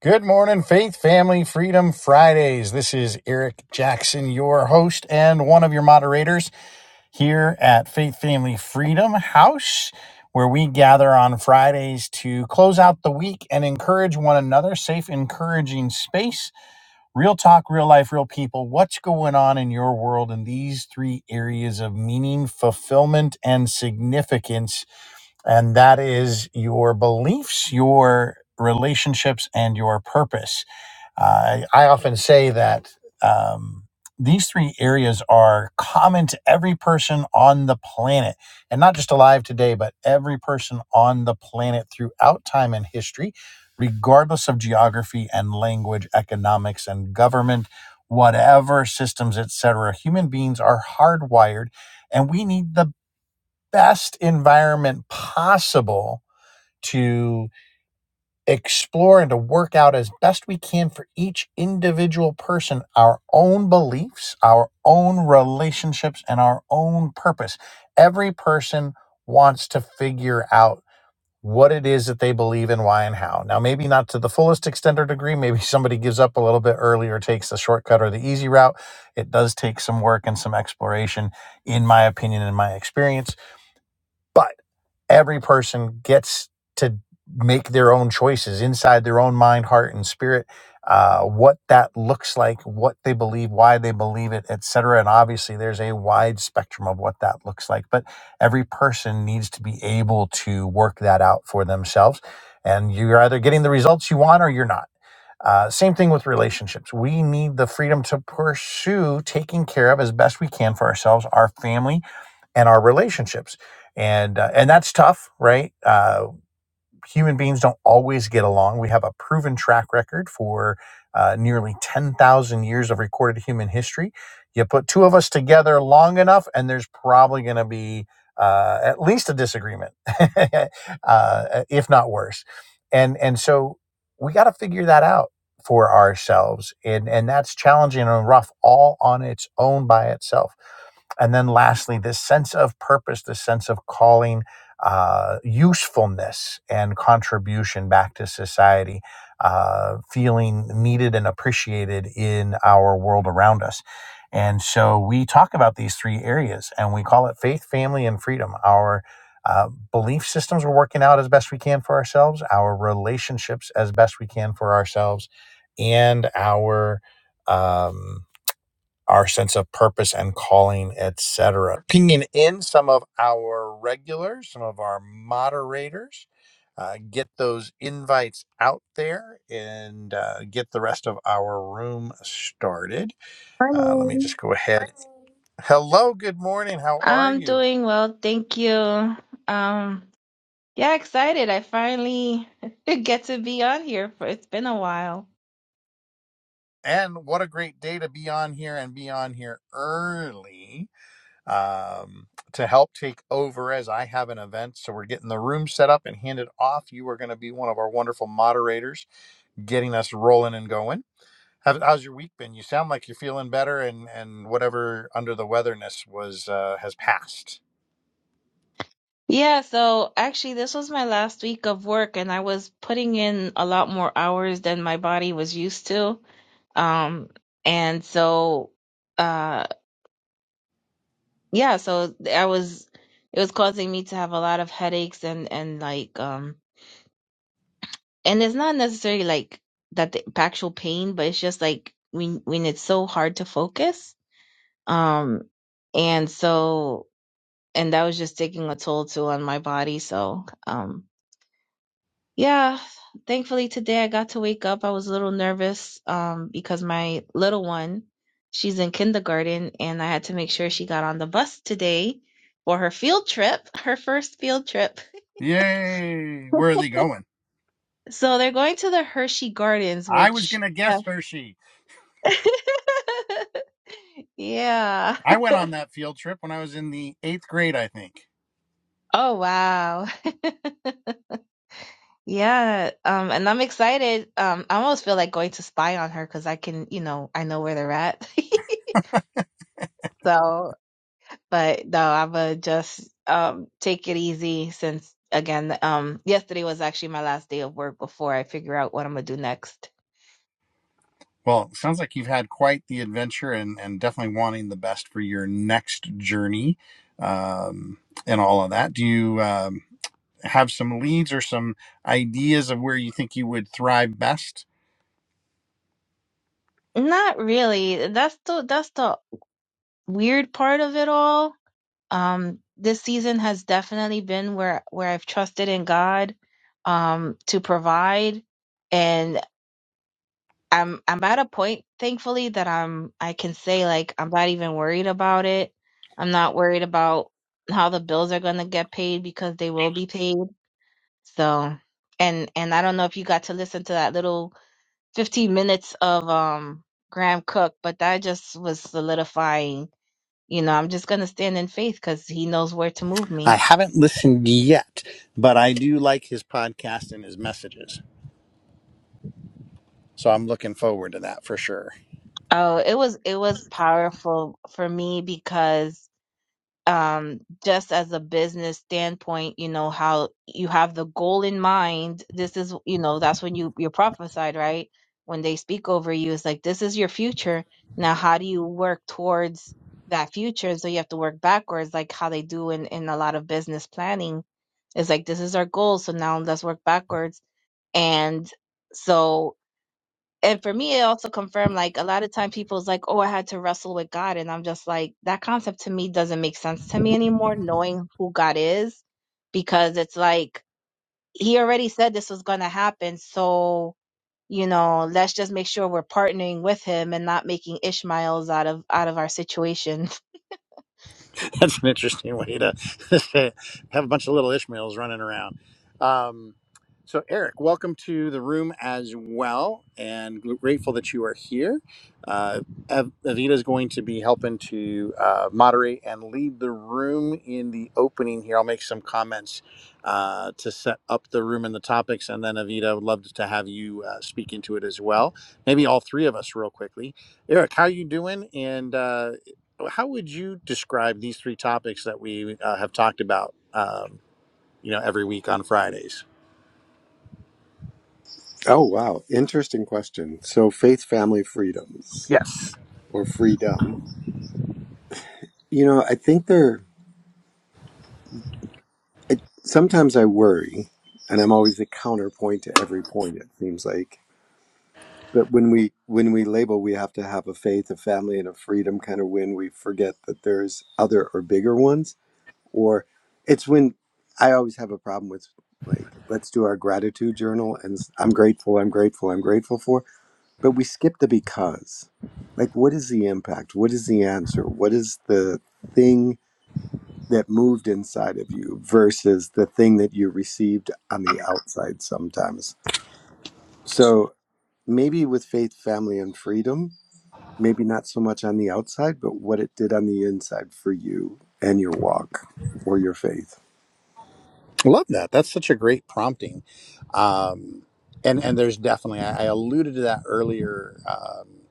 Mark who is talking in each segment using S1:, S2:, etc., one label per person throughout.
S1: Good morning, Faith Family Freedom Fridays. This is Eric Jackson, your host and one of your moderators here at Faith Family Freedom House, where we gather on Fridays to close out the week and encourage one another. Safe, encouraging space, real talk, real life, real people. What's going on in your world in these three areas of meaning, fulfillment, and significance? And that is your beliefs, your relationships, and your purpose. I I often say that um, these three areas are common to every person on the planet, and not just alive today, but every person on the planet throughout time and history, regardless of geography and language, economics and government, whatever systems, etc. Human beings are hardwired, and we need the best environment possible to explore and to work out as best we can for each individual person our own beliefs, our own relationships, and our own purpose. Every person wants to figure out what it is that they believe in, why, and how. Now, maybe not to the fullest extent or degree. Maybe somebody gives up a little bit early or takes the shortcut or the easy route. It does take some work and some exploration, in my opinion, in my experience. but every person gets to make their own choices inside their own mind, heart, and spirit. Uh, what that looks like, what they believe, why they believe it, etc. And obviously, there's a wide spectrum of what that looks like. But every person needs to be able to work that out for themselves. And you're either getting the results you want or you're not uh, same thing with relationships. We need the freedom to pursue taking care of as best we can for ourselves, our family, and our relationships. And uh, and that's tough, right? Uh, human beings don't always get along. We have a proven track record for uh, nearly 10,000 years of recorded human history. You put two of us together long enough, and there's probably going to be uh, at least a disagreement, uh, if not worse. And and so we got to figure that out for ourselves, and and that's challenging and rough all on its own by itself. And then lastly, this sense of purpose, this sense of calling uh, usefulness and contribution back to society, uh, feeling needed and appreciated in our world around us. And so we talk about these three areas and we call it faith, family, and freedom. Our uh, belief systems we're working out as best we can for ourselves, our relationships as best we can for ourselves, and our. Um, our sense of purpose and calling, etc. Pinging in some of our regulars, some of our moderators, uh, get those invites out there and uh, get the rest of our room started. Uh, let me
S2: Morning.
S1: just go ahead. Hello, good morning. How are
S2: I'm
S1: you?
S2: doing well, thank you. Um, yeah, excited. I finally get to be on here for it's been a while.
S1: And what a great day to be on here and be on here early um, to help take over as I have an event. So we're getting the room set up and handed off. You are going to be one of our wonderful moderators, getting us rolling and going. How, how's your week been? You sound like you're feeling better, and and whatever under the weatherness was uh, has passed.
S2: Yeah, so actually this was my last week of work and I was putting in a lot more hours than my body was used to. Um, and so uh yeah, so I was it was causing me to have a lot of headaches and and like um and it's not necessarily like that the actual pain, but it's just like when when it's so hard to focus. Um, and so and that was just taking a toll too on my body. So um, yeah, thankfully today I got to wake up. I was a little nervous um because my little one, she's in kindergarten, and I had to make sure she got on the bus today for her field trip, her first field trip.
S1: Yay! Where are they going?
S2: So they're going to the Hershey Gardens,
S1: I was
S2: which.
S1: going to
S2: Yeah.
S1: guess Hershey.
S2: Yeah.
S1: I went on that field trip when I was in the eighth grade, I think.
S2: Oh wow. Yeah. Um, and I'm excited. Um, I almost feel like going to spy on her because I can, you know, I know where they're at. So, but no, I'ma just um take it easy since again, um, yesterday was actually my last day of work before I figure out what I'm gonna do next.
S1: Well, it sounds like you've had quite the adventure and, and definitely wanting the best for your next journey um, and all of that. Do you um, have some leads or some ideas of where you think you would thrive best?
S2: Not really. That's the that's the weird part of it all um this season has definitely been where where I've trusted in God um to provide and I'm I'm at a point thankfully that I'm I can say like I'm not even worried about it. I'm not worried about how the bills are going to get paid because they will be paid. So and and I don't know if you got to listen to that little 15 minutes of um Graham Cook, but that just was solidifying. You know, I'm just going to stand in faith cuz he knows where to move me.
S1: I haven't listened yet, but I do like his podcast and his messages. So I'm looking forward to that for sure.
S2: Oh, it was it was powerful for me because um just as a business standpoint, you know how you have the goal in mind. This is, you know, that's when you you're prophesied, right? When they speak over you, it's like this is your future. Now, how do you work towards that future? So you have to work backwards, like how they do in in a lot of business planning. It's like this is our goal, so now let's work backwards. And so and for me it also confirmed like a lot of time people's like oh i had to wrestle with god and i'm just like that concept to me doesn't make sense to me anymore knowing who god is because it's like he already said this was going to happen so you know let's just make sure we're partnering with him and not making ishmaels out of out of our situation
S1: That's an interesting way to say have a bunch of little Ishmaels running around. Um, so, Eric, welcome to the room as well, and grateful that you are here. Uh, Av- Avita is going to be helping to uh, moderate and lead the room in the opening here. I'll make some comments uh, to set up the room and the topics, and then Avita, would love to have you uh, speak into it as well. Maybe all three of us, real quickly. Eric, how are you doing? And uh, how would you describe these three topics that we uh, have talked about? Um, you know, every week on Fridays.
S3: Oh, wow. Interesting question. So, faith, family, freedoms,
S1: Yes.
S3: or freedom. You know, I think they're, I, sometimes I worry, and I'm always the counterpoint to every point, it seems like. But when we when we label, we have to have a faith, a family, and a freedom kind of when we forget that there's other or bigger ones. Or it's when I always have a problem with like, let's do our gratitude journal, and s- I'm grateful, I'm grateful, I'm grateful for. but we skip the because like what is the impact what is the answer what is the thing that moved inside of you versus the thing that you received on the outside sometimes so maybe with faith family and freedom maybe not so much on the outside but what it did on the inside for you and your walk or your faith
S1: Love that. That's such a great prompting. Um, and and there's definitely I, I alluded to that earlier. um,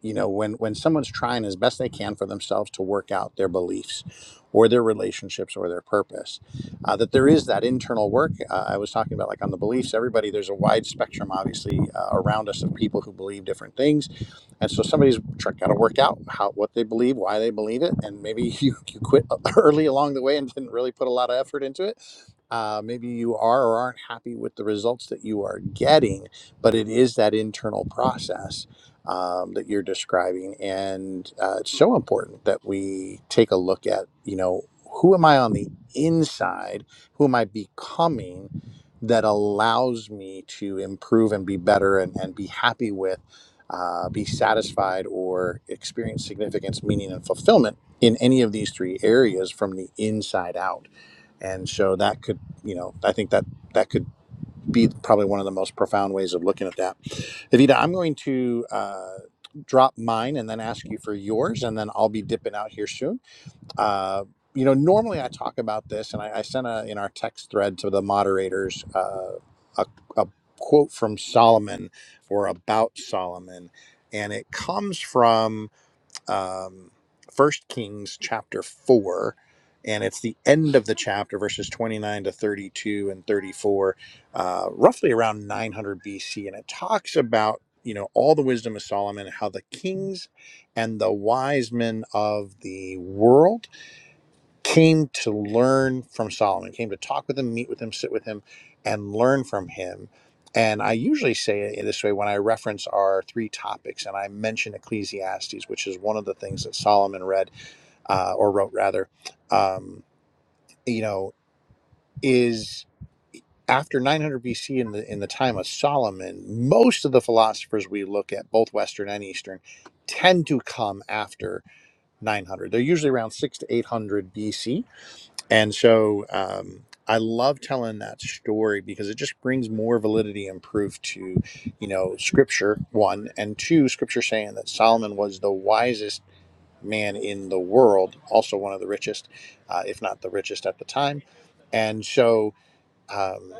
S1: you know when when someone's trying as best they can for themselves to work out their beliefs or their relationships or their purpose uh, that there is that internal work uh, i was talking about like on the beliefs everybody there's a wide spectrum obviously uh, around us of people who believe different things and so somebody's got to work out how what they believe why they believe it and maybe you, you quit early along the way and didn't really put a lot of effort into it uh, maybe you are or aren't happy with the results that you are getting but it is that internal process um, that you're describing, and uh, it's so important that we take a look at, you know, who am I on the inside? Who am I becoming? That allows me to improve and be better and, and be happy with, uh, be satisfied, or experience significance, meaning, and fulfillment in any of these three areas from the inside out. And so that could, you know, I think that that could be probably one of the most profound ways of looking at that Evita, I'm going to uh, drop mine and then ask you for yours, and then I'll be dipping out here soon. Uh, you know, normally I talk about this, and I, I sent a, in our text thread to the moderators uh, a, a quote from Solomon or about Solomon, and it comes from um, 1 Kings chapter 4, and it's the end of the chapter, verses 29 to 32 and 34, uh, roughly around 900 BC. And it talks about, you know, all the wisdom of Solomon, how the kings and the wise men of the world came to learn from Solomon, came to talk with him, meet with him, sit with him, and learn from him. And I usually say it in this way when I reference our three topics, and I mention Ecclesiastes, which is one of the things that Solomon read uh, or wrote, rather. Um, you know, is after 900 BC in the in the time of Solomon, most of the philosophers we look at, both Western and Eastern, tend to come after 900. They're usually around six to 800 BC and so um, I love telling that story because it just brings more validity and proof to, you know, scripture, one, and two, scripture saying that Solomon was the wisest man in the world, also one of the richest, uh, if not the richest at the time. And so. um,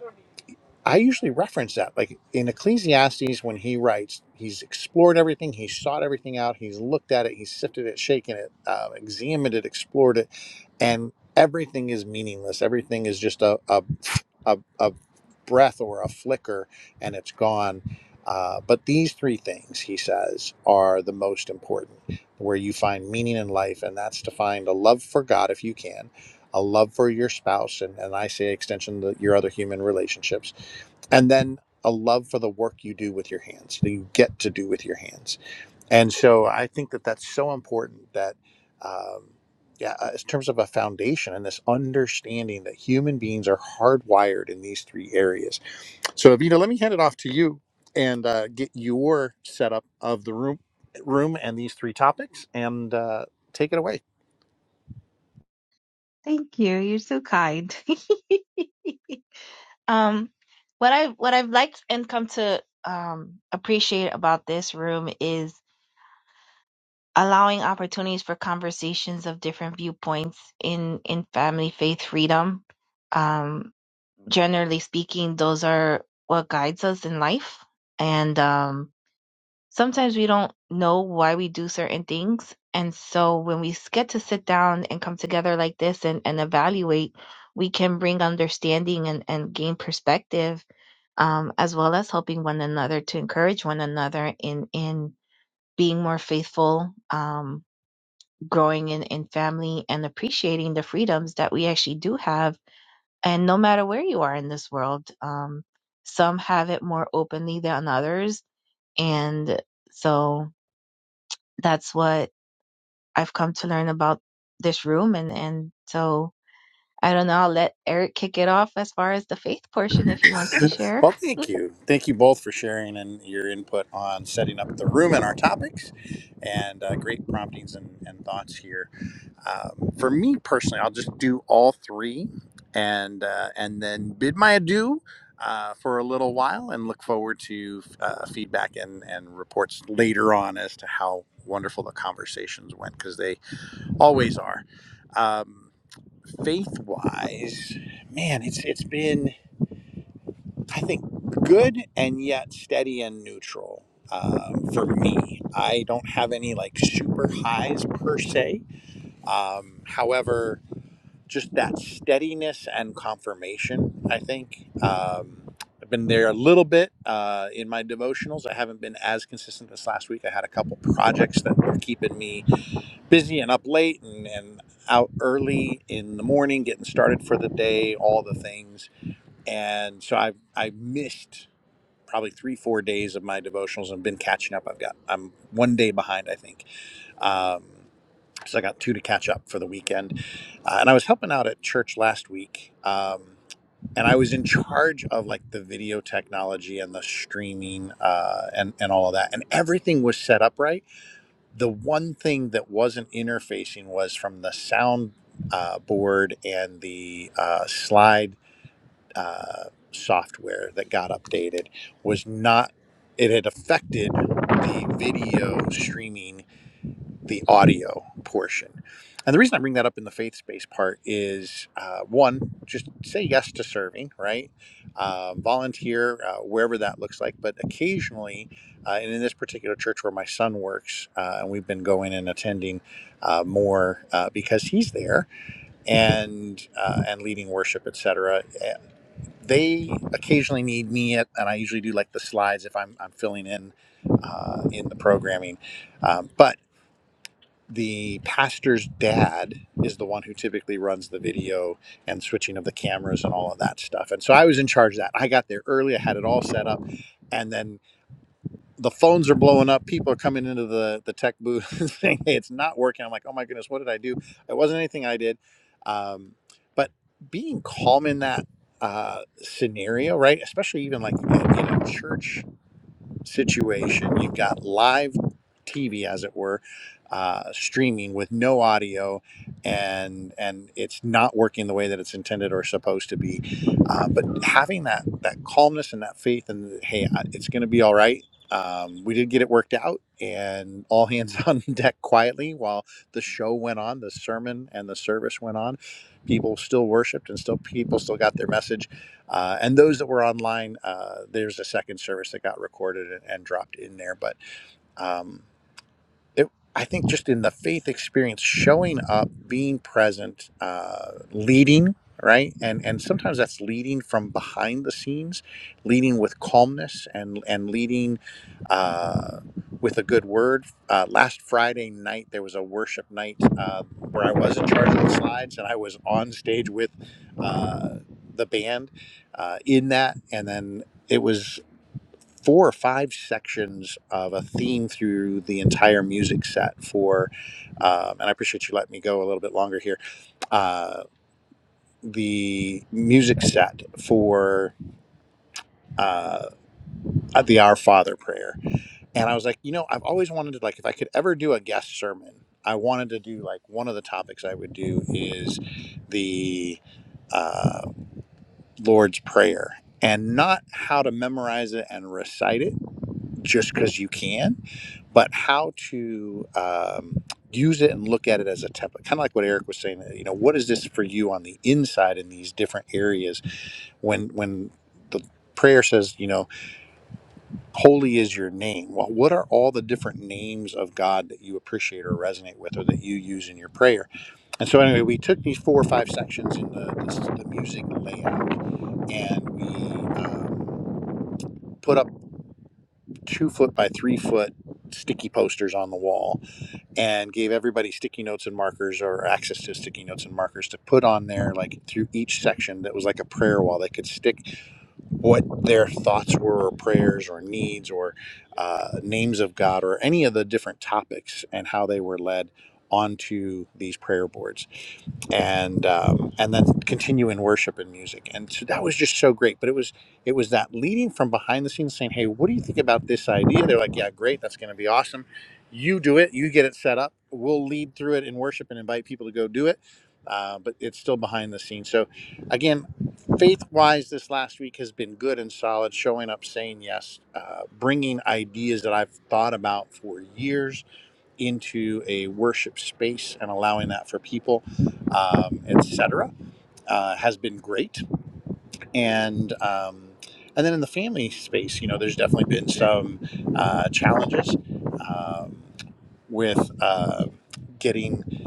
S1: I usually reference that. Like in Ecclesiastes, when he writes, he's explored everything, he's sought everything out, he's looked at it, he's sifted it, shaken it, uh, examined it, explored it, and everything is meaningless. Everything is just a, a, a, a breath or a flicker and it's gone. Uh, but these three things, he says, are the most important where you find meaning in life, and that's to find a love for God if you can. A love for your spouse, and, and I say extension the, your other human relationships, and then a love for the work you do with your hands that you get to do with your hands and so i think that that's so important that um, yeah uh, in terms of a foundation and this understanding that human beings are hardwired in these three areas so avita let me hand it off to you and uh, get your setup of the room room and these three topics and uh, take it away
S2: thank you you're so kind um what i what i've liked and come to um appreciate about this room is allowing opportunities for conversations of different viewpoints in in family faith freedom um generally speaking those are what guides us in life and um sometimes we don't know why we do certain things and so when we get to sit down and come together like this and and evaluate we can bring understanding and and gain perspective um as well as helping one another to encourage one another in in being more faithful um growing in, in family and appreciating the freedoms that we actually do have. And no matter where you are in this world, um, some have it more openly than others. And so that's what I've come to learn about this room. And, and so I don't know. I'll let Eric kick it off as far as the faith portion if he wants to share.
S1: Well, thank you. Thank you both for sharing and your input on setting up the room and our topics and uh, great promptings and, and thoughts here. Um, for me personally, I'll just do all three and uh, and then bid my adieu uh, for a little while and look forward to uh, feedback and, and reports later on as to how wonderful the conversations went because they always are. Um, faith wise, man, it's it's been. I think good and yet steady and neutral um, for me. I don't have any like super highs per se. Um, however, just that steadiness and confirmation, I think. Um, I've been there a little bit uh, in my devotionals. I haven't been as consistent this last week. I had a couple projects that were keeping me busy and up late and, and out early in the morning, getting started for the day, all the things and so I have I missed probably three four days of my devotionals and been catching up i've got i'm one day behind i think um so i got two to catch up for the weekend uh, and i was helping out at church last week um and i was in charge of like the video technology and the streaming uh and and all of that and everything was set up right the one thing that wasn't interfacing was from the sound uh, board and the uh, slide uh, software that got updated was not it had affected the video streaming the audio portion and the reason i bring that up in the faith based part is uh, one just say yes to serving right uh, volunteer uh, wherever that looks like but occasionally uh, and in this particular church where my son works uh, and we've been going and attending uh, more uh, because he's there and uh, and leading worship, etc. They occasionally need me, at, and I usually do like the slides if I'm, I'm filling in uh, in the programming. Um, but the pastor's dad is the one who typically runs the video and switching of the cameras and all of that stuff. And so I was in charge of that. I got there early. I had it all set up, and then the phones are blowing up. People are coming into the the tech booth saying, "Hey, it's not working." I'm like, "Oh my goodness, what did I do? It wasn't anything I did." Um, but being calm in that uh, scenario, right? Especially even like in a church situation. You've got live TV, as it were, uh, streaming with no audio, and and it's not working the way that it's intended or supposed to be. Uh, but having that that calmness and that faith, and hey, I- it's going to be all right. Um, we did get it worked out, and all hands on deck quietly while the show went on, the sermon and the service went on. People still worshipped, and still people still got their message uh, and those that were online, uh, there's a second service that got recorded and, and dropped in there. But um, it, I think just in the faith experience, showing up, being present, uh, leading, right, and and sometimes that's leading from behind the scenes, leading with calmness and and leading uh, with a good word. Uh, last Friday night there was a worship night uh, where I was in charge of the slides, and I was on stage with uh, the band uh, in that, and then. It was four or five sections of a theme through the entire music set for um, and i appreciate you letting me go a little bit longer here uh, the music set for uh, the our father prayer and i was like you know i've always wanted to like if i could ever do a guest sermon i wanted to do like one of the topics i would do is the uh, lord's prayer and not how to memorize it and recite it just because you can but how to um, use it and look at it as a template kind of like what eric was saying you know what is this for you on the inside in these different areas when when the prayer says you know holy is your name well what are all the different names of god that you appreciate or resonate with or that you use in your prayer and so anyway we took these four or five sections in the the, the music layout and we um, put up two foot by three foot sticky posters on the wall and gave everybody sticky notes and markers or access to sticky notes and markers to put on there like through each section that was like a prayer wall they could stick what their thoughts were or prayers or needs or uh, names of god or any of the different topics and how they were led onto these prayer boards and um, and then continue in worship and music. And so that was just so great. But it was it was that leading from behind the scenes, saying, "Hey, what do you think about this idea?" They're like, "Yeah, great, that's going to be awesome. You do it. You get it set up. We'll lead through it in worship and invite people to go do it." Uh, but it's still behind the scenes. So, again, faith wise, this last week has been good and solid. Showing up, saying yes, uh, bringing ideas that I've thought about for years into a worship space and allowing that for people, um, etc., uh, has been great. And um, and then in the family space, you know, there's definitely been some uh, challenges um, with. Uh, Getting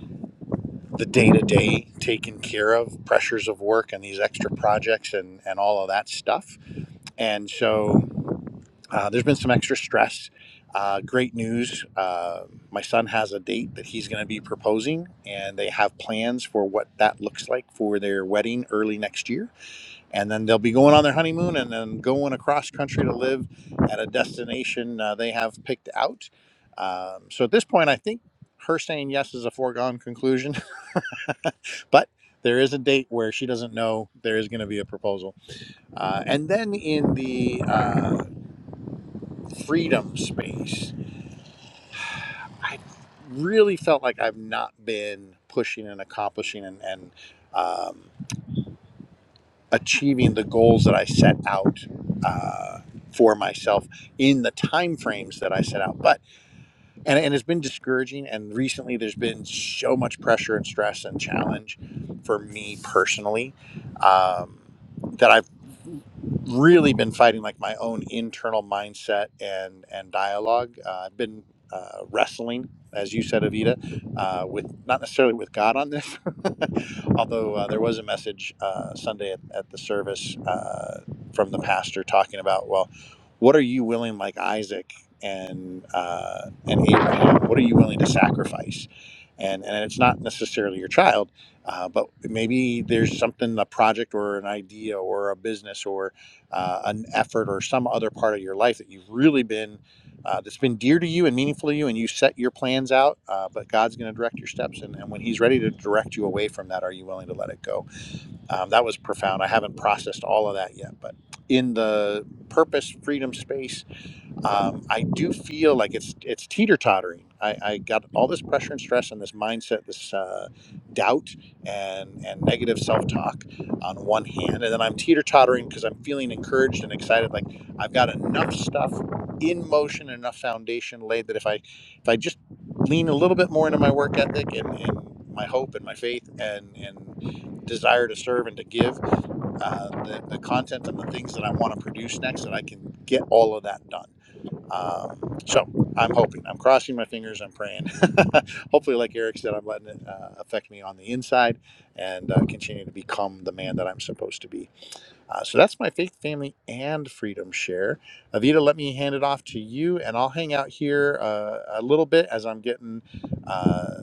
S1: the day to day taken care of, pressures of work, and these extra projects, and, and all of that stuff. And so, Uh, there's been some extra stress. Uh, great news. Uh, my son has a date that he's going to be proposing, and they have plans for what that looks like for their wedding early next year. And then they'll be going on their honeymoon and then going across country to live at a destination uh, they have picked out. Um, so at this point, I think her saying yes is a foregone conclusion, but there is a date where she doesn't know there is going to be a proposal. Uh, and then in the uh, freedom space. I really felt like I've not been pushing and accomplishing and, and um, achieving the goals that I set out uh, for myself in the time frames that I set out. But and, and it's been discouraging and recently there's been so much pressure and stress and challenge for me personally um, that i've really been fighting like my own internal mindset and and dialogue uh, i've been uh, wrestling as you said avita uh, with not necessarily with god on this although uh, there was a message uh, sunday at, at the service uh, from the pastor talking about well what are you willing like isaac and uh, and Abraham? What are you willing to sacrifice? And and it's not necessarily your child, uh, but maybe there's something a project or an idea or a business or uh, an effort or some other part of your life that you've really been uh, that's been dear to you and meaningful to you, and you set your plans out. Uh, but God's going to direct your steps, and, and when He's ready to direct you away from that, are you willing to let it go? Um, that was profound. I haven't processed all of that yet, but in the purpose freedom space um, I do feel like it's it's teeter tottering. I, I got all this pressure and stress and this mindset, this uh, doubt and and negative self talk on one hand, and then I'm teeter tottering because I'm feeling encouraged and excited. Like I've got enough stuff in motion, enough foundation laid that if I if I just lean a little bit more into my work ethic and, and my hope and my faith and and desire to serve and to give uh, the, the content and the things that I want to produce next, that I can get all of that done um, so I'm hoping, I'm crossing my fingers, I'm praying. Hopefully, like Eric said, I'm letting it uh, affect me on the inside and uh, continue to become the man that I'm supposed to be. Uh, so that's my faith, family, and freedom share. Avita, let me hand it off to you, and I'll hang out here uh, a little bit as I'm getting. Uh,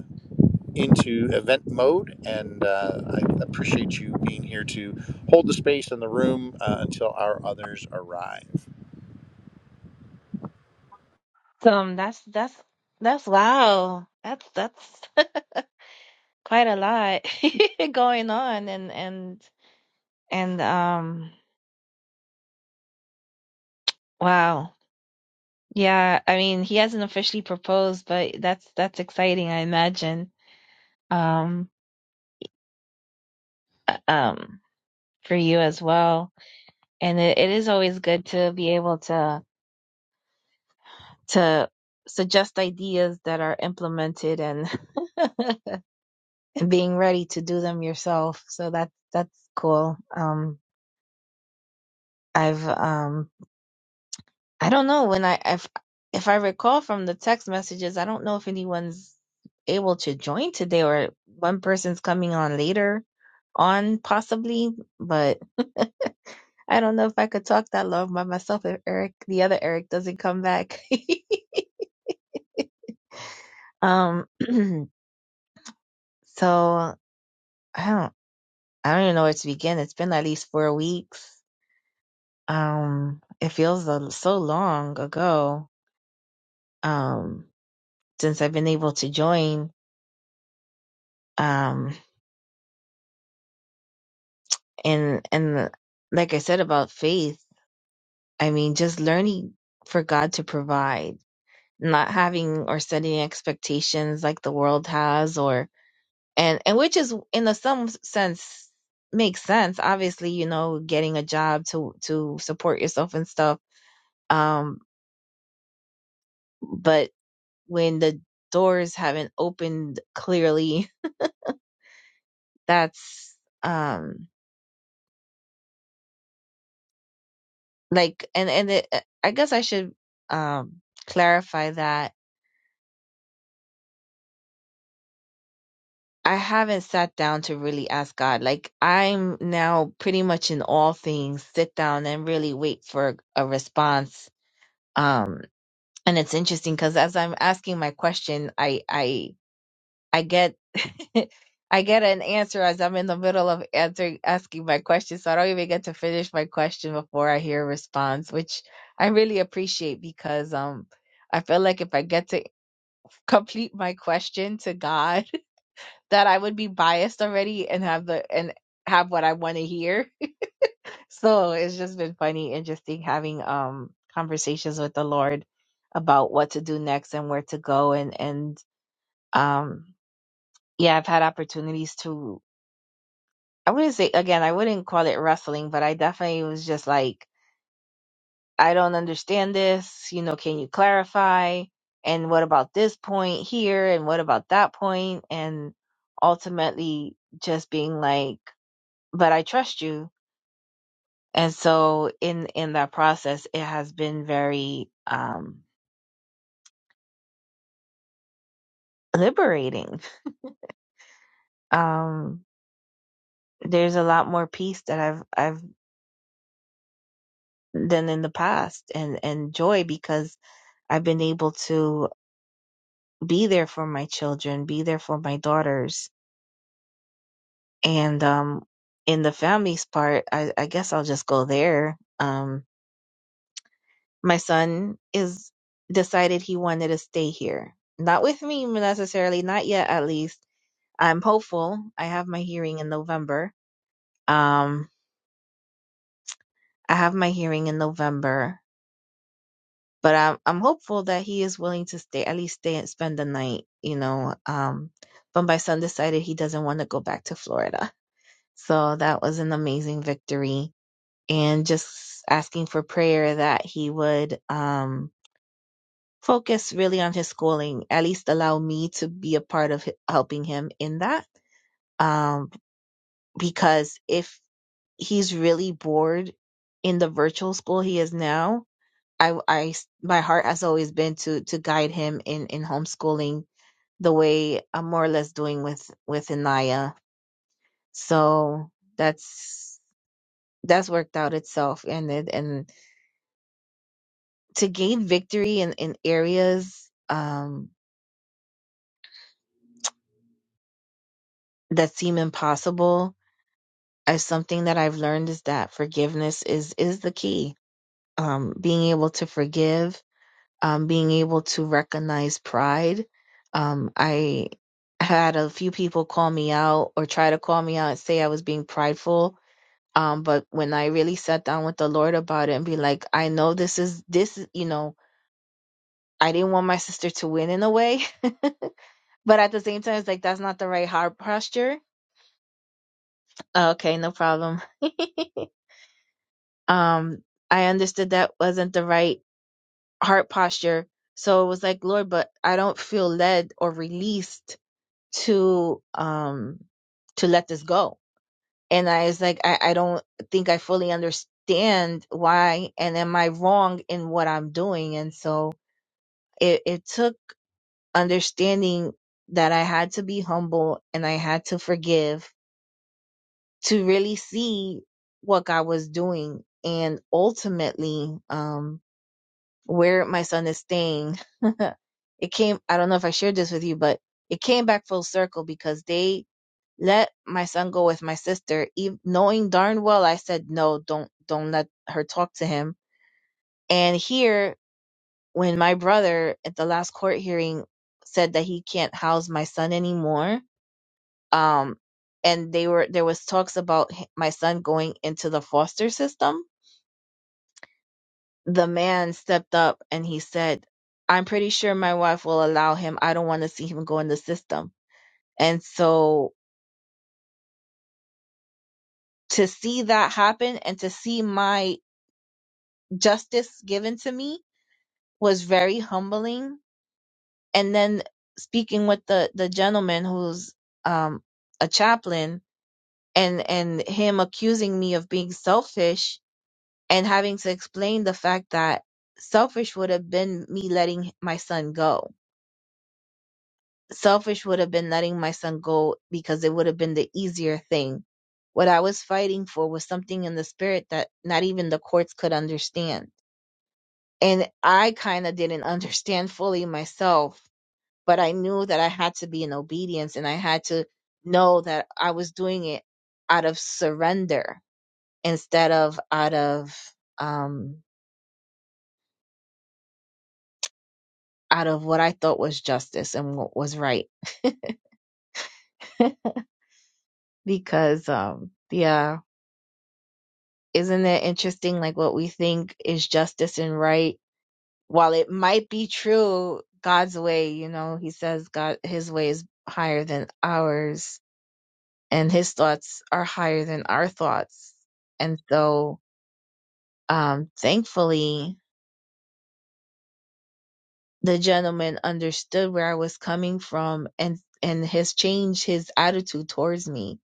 S1: into event mode, and uh, I appreciate you being here to hold the space in the room uh, until our others arrive.
S2: Um, that's that's that's wow. That's that's quite a lot going on and and and um wow. Yeah, I mean, he hasn't officially proposed, but that's that's exciting, I imagine. Um um, for you as well. And it, it is always good to be able to to suggest ideas that are implemented and and being ready to do them yourself. So that that's cool. Um, I've um, I don't know when I if if I recall from the text messages, I don't know if anyone's able to join today or one person's coming on later on possibly, but. I don't know if I could talk that long by myself if Eric, the other Eric, doesn't come back. um, so I don't, I don't even know where to begin. It's been at least four weeks. Um, it feels a, so long ago. Um, since I've been able to join. Um, and and like I said about faith, I mean, just learning for God to provide, not having or setting expectations like the world has, or and and which is in a some sense makes sense obviously you know getting a job to to support yourself and stuff um but when the doors haven't opened clearly that's um like and and it, uh, i guess i should um clarify that i haven't sat down to really ask god like i'm now pretty much in all things sit down and really wait for a response Um. and it's interesting because as I'm asking my question, I I I get I get an answer as I'm in the middle of answering asking my question, so I don't even get to finish my question before I hear a response, which I really appreciate because um I feel like if I get to complete my question to God, that I would be biased already and have the and have what I want to hear so it's just been funny, interesting having um conversations with the Lord about what to do next and where to go and and um yeah, I've had opportunities to I wouldn't say again, I wouldn't call it wrestling, but I definitely was just like, I don't understand this, you know, can you clarify? And what about this point here and what about that point? And ultimately just being like, but I trust you and so in in that process it has been very um liberating um there's a lot more peace that i've i've than in the past and and joy because i've been able to be there for my children be there for my daughters and um in the family's part i i guess i'll just go there um my son is decided he wanted to stay here not with me necessarily not yet at least I'm hopeful. I have my hearing in November. Um, I have my hearing in November, but I'm I'm hopeful that he is willing to stay at least stay and spend the night. You know, um, but my son decided he doesn't want to go back to Florida, so that was an amazing victory. And just asking for prayer that he would um focus really on his schooling, at least allow me to be a part of h- helping him in that. Um, because if he's really bored in the virtual school he is now, I, I my heart has always been to to guide him in in homeschooling the way I'm more or less doing with with Anaya. So that's that's worked out itself, and it and to gain victory in in areas um that seem impossible is something that I've learned is that forgiveness is is the key. Um, being able to forgive um, being able to recognize pride. Um, I had a few people call me out or try to call me out and say I was being prideful. Um, but when I really sat down with the Lord about it and be like, I know this is this, you know, I didn't want my sister to win in a way, but at the same time, it's like that's not the right heart posture. Uh, Okay, no problem. um, I understood that wasn't the right heart posture. So it was like, Lord, but I don't feel led or released to um to let this go and i was like i, I don't think i fully understand why and am i wrong in what i'm doing and so it, it took understanding that i had to be humble and i had to forgive to really see what god was doing and ultimately um where my son is staying it came i don't know if i shared this with you but it came back full circle because they let my son go with my sister, ev- knowing darn well I said no, don't don't let her talk to him. And here, when my brother at the last court hearing said that he can't house my son anymore, um, and they were there was talks about h- my son going into the foster system. The man stepped up and he said, "I'm pretty sure my wife will allow him. I don't want to see him go in the system." And so to see that happen and to see my justice given to me was very humbling. And then speaking with the the gentleman who's um a chaplain and and him accusing me of being selfish and having to explain the fact that selfish would have been me letting my son go. Selfish would have been letting my son go because it would have been the easier thing. What I was fighting for was something in the spirit that not even the courts could understand and I kind of didn't understand fully myself, but I knew that I had to be in obedience and I had to know that I was doing it out of surrender instead of out of um out of what I thought was justice and what was right because um yeah isn't it interesting like what we think is justice and right while it might be true God's way you know he says God his way is higher than ours and his thoughts are higher than our thoughts. And so, um, thankfully, the gentleman understood where I was coming from and, and has changed his attitude towards me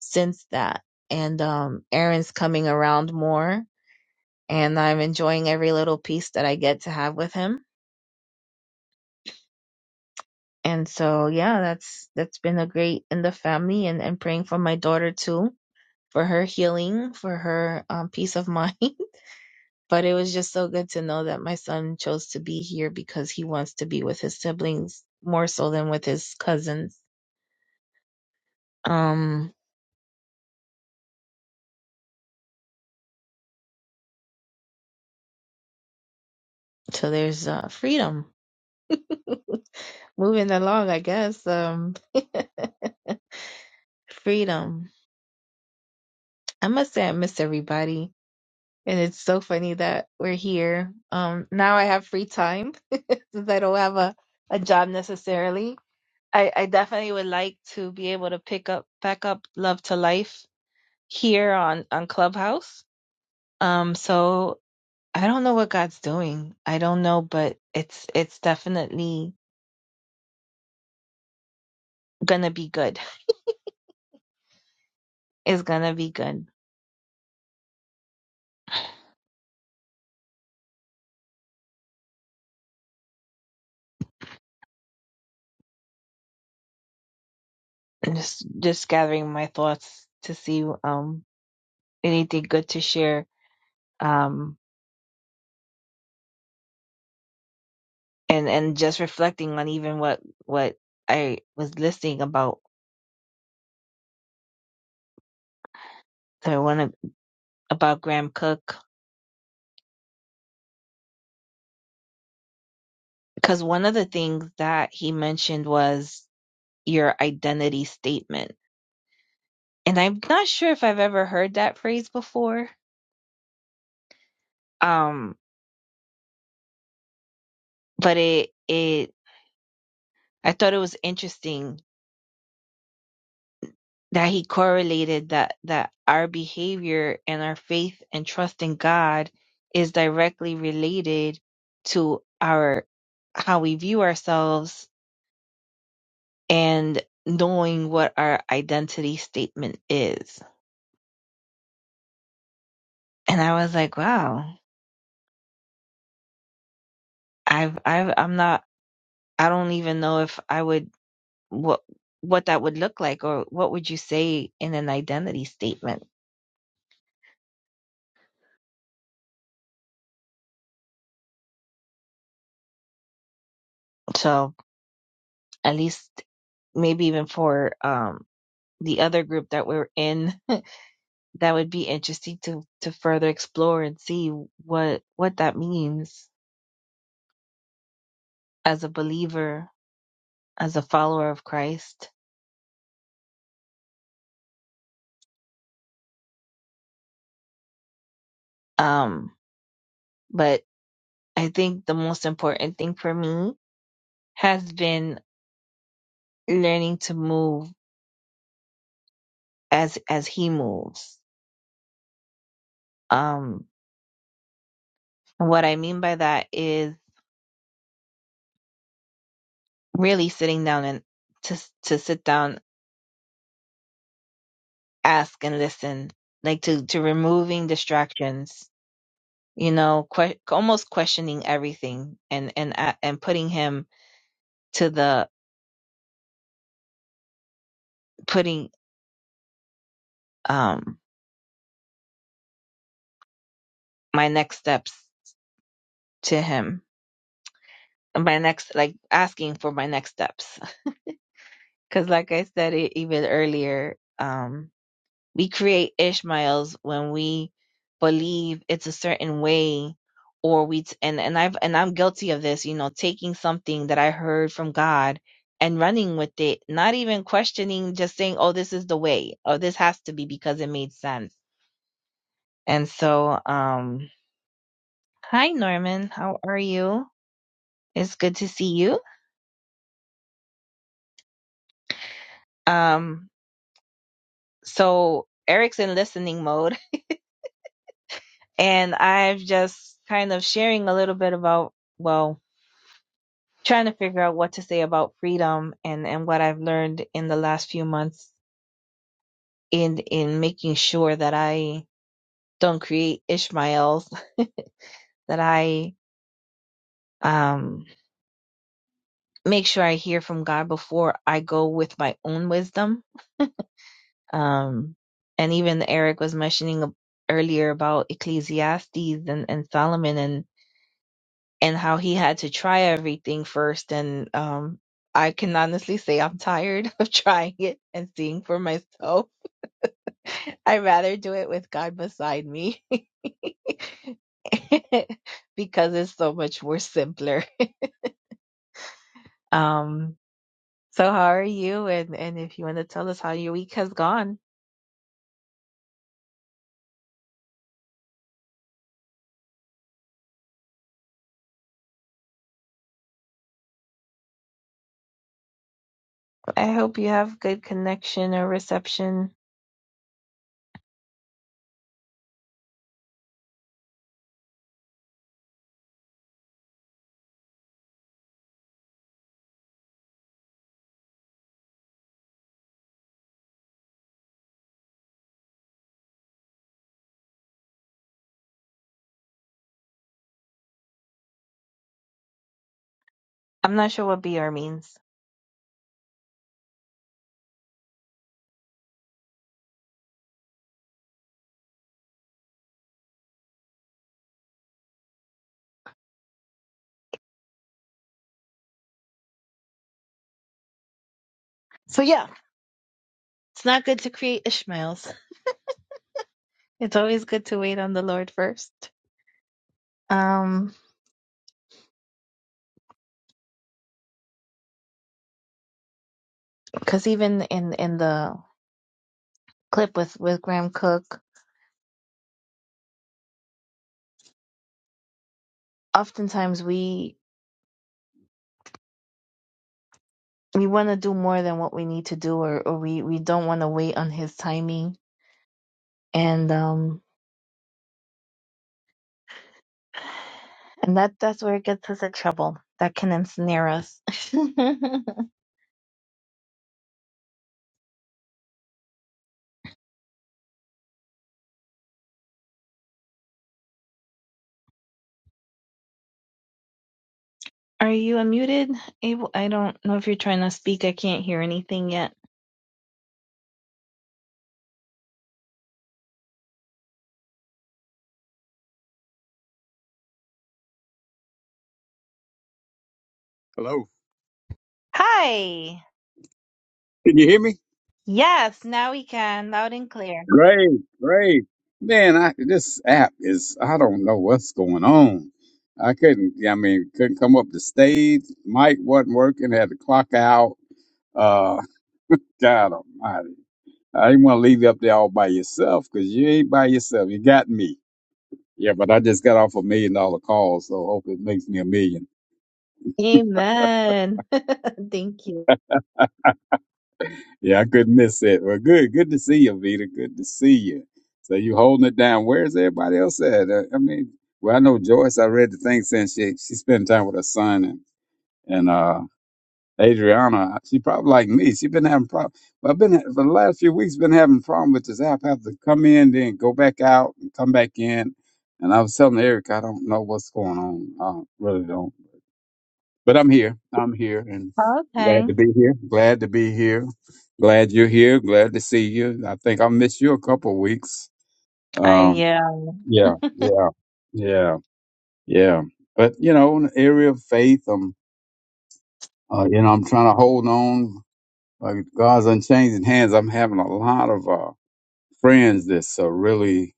S2: since that. And, um, Aaron's coming around more and I'm enjoying every little piece that I get to have with him. And so, yeah, that's, that's been a great in the family and, and praying for my daughter too, for her healing, for her, um, peace of mind But it was just so good to know that my son chose to be here because he wants to be with his siblings more so than with his cousins. Um, so there's uh, freedom. Moving along, I guess. Um, freedom. I must say I miss everybody. And it's so funny that we're here. Um, now I have free time since I don't have a, a job necessarily. I, I definitely would like to be able to pick up back up Love to Life here on, on Clubhouse. Um, so I don't know what God's doing. I don't know, but it's it's definitely gonna be good. It's gonna be good. And just just gathering my thoughts to see um anything good to share. Um and and just reflecting on even what what I was listening about the one about Graham Cook because one of the things that he mentioned was your identity statement. And I'm not sure if I've ever heard that phrase before. Um but it it I thought it was interesting that he correlated that that our behavior and our faith and trust in God is directly related to our how we view ourselves and knowing what our identity statement is. And I was like, wow, I've I've I'm not I don't even know if I would what what that would look like or what would you say in an identity statement. So at least maybe even for um the other group that we're in that would be interesting to to further explore and see what what that means as a believer as a follower of Christ um but i think the most important thing for me has been learning to move as as he moves um and what i mean by that is really sitting down and to to sit down ask and listen like to to removing distractions you know, que- almost questioning everything and and a- and putting him to the putting um my next steps to him, my next like asking for my next steps because like I said e- even earlier, um We create Ishmaels when we believe it's a certain way or we t- and and I've and I'm guilty of this, you know, taking something that I heard from God and running with it, not even questioning, just saying, "Oh, this is the way," or "This has to be because it made sense." And so, um, hi Norman, how are you? It's good to see you. Um, so Eric's in listening mode, and I've just kind of sharing a little bit about well trying to figure out what to say about freedom and and what I've learned in the last few months in in making sure that I don't create Ishmaels, that I um make sure I hear from God before I go with my own wisdom. Um and even Eric was mentioning earlier about Ecclesiastes and, and Solomon and and how he had to try everything first and um I can honestly say I'm tired of trying it and seeing for myself I'd rather do it with God beside me because it's so much more simpler. Um, so how are you? And and if you want to tell us how your week has gone, I hope you have good connection or reception. I'm not sure what BR means. So yeah, it's not good to create Ishmaels. It's always good to wait on the Lord first. Um, because even in in the clip with with Graham Cook, oftentimes we we want to do more than what we need to do or, or we, we don't want to wait on his timing and um and that that's where it gets us in trouble that can ensnare us are you unmuted abel i don't know if you're trying to speak i can't hear anything yet
S4: Hello.
S2: hi
S4: Can you hear me?
S2: yes now we can loud and clear
S4: Great, great. Man, I this app is I don't know what's going on. I couldn't I mean, couldn't come up the stage. Mic wasn't working, had to clock out. Uh God almighty. I didn't want to leave you up there all by yourself because you ain't by yourself. You got me. Yeah, but I just got off a million dollar call, so hope it makes me a millionaire.
S2: amen thank you
S4: Yeah, I couldn't miss it. Well, good, good to see you, Vita. Good to see you. So you holding it down. Where's everybody else at? Uh, I mean, well, I know Joyce. I read the thing since she she spent time with her son and and uh, Adriana. She probably like me. She been having problem. Well, I've been for the last few weeks been having problem with this app. I have to come in, then go back out, and come back in. And I was telling Eric, I don't know what's going on. I really don't but I'm here. I'm here and
S2: okay
S4: glad to be here. Glad to be here. Glad you're here. Glad to see you. I think I missed you a couple of weeks.
S2: i
S4: Um,
S2: yeah
S4: yeah, yeah, yeah, yeah. But you know, in the area of faith, I'm, uh, you know, I'm trying to hold on. Like God's unchanging hands. I'm having a lot of uh, friends that's uh, really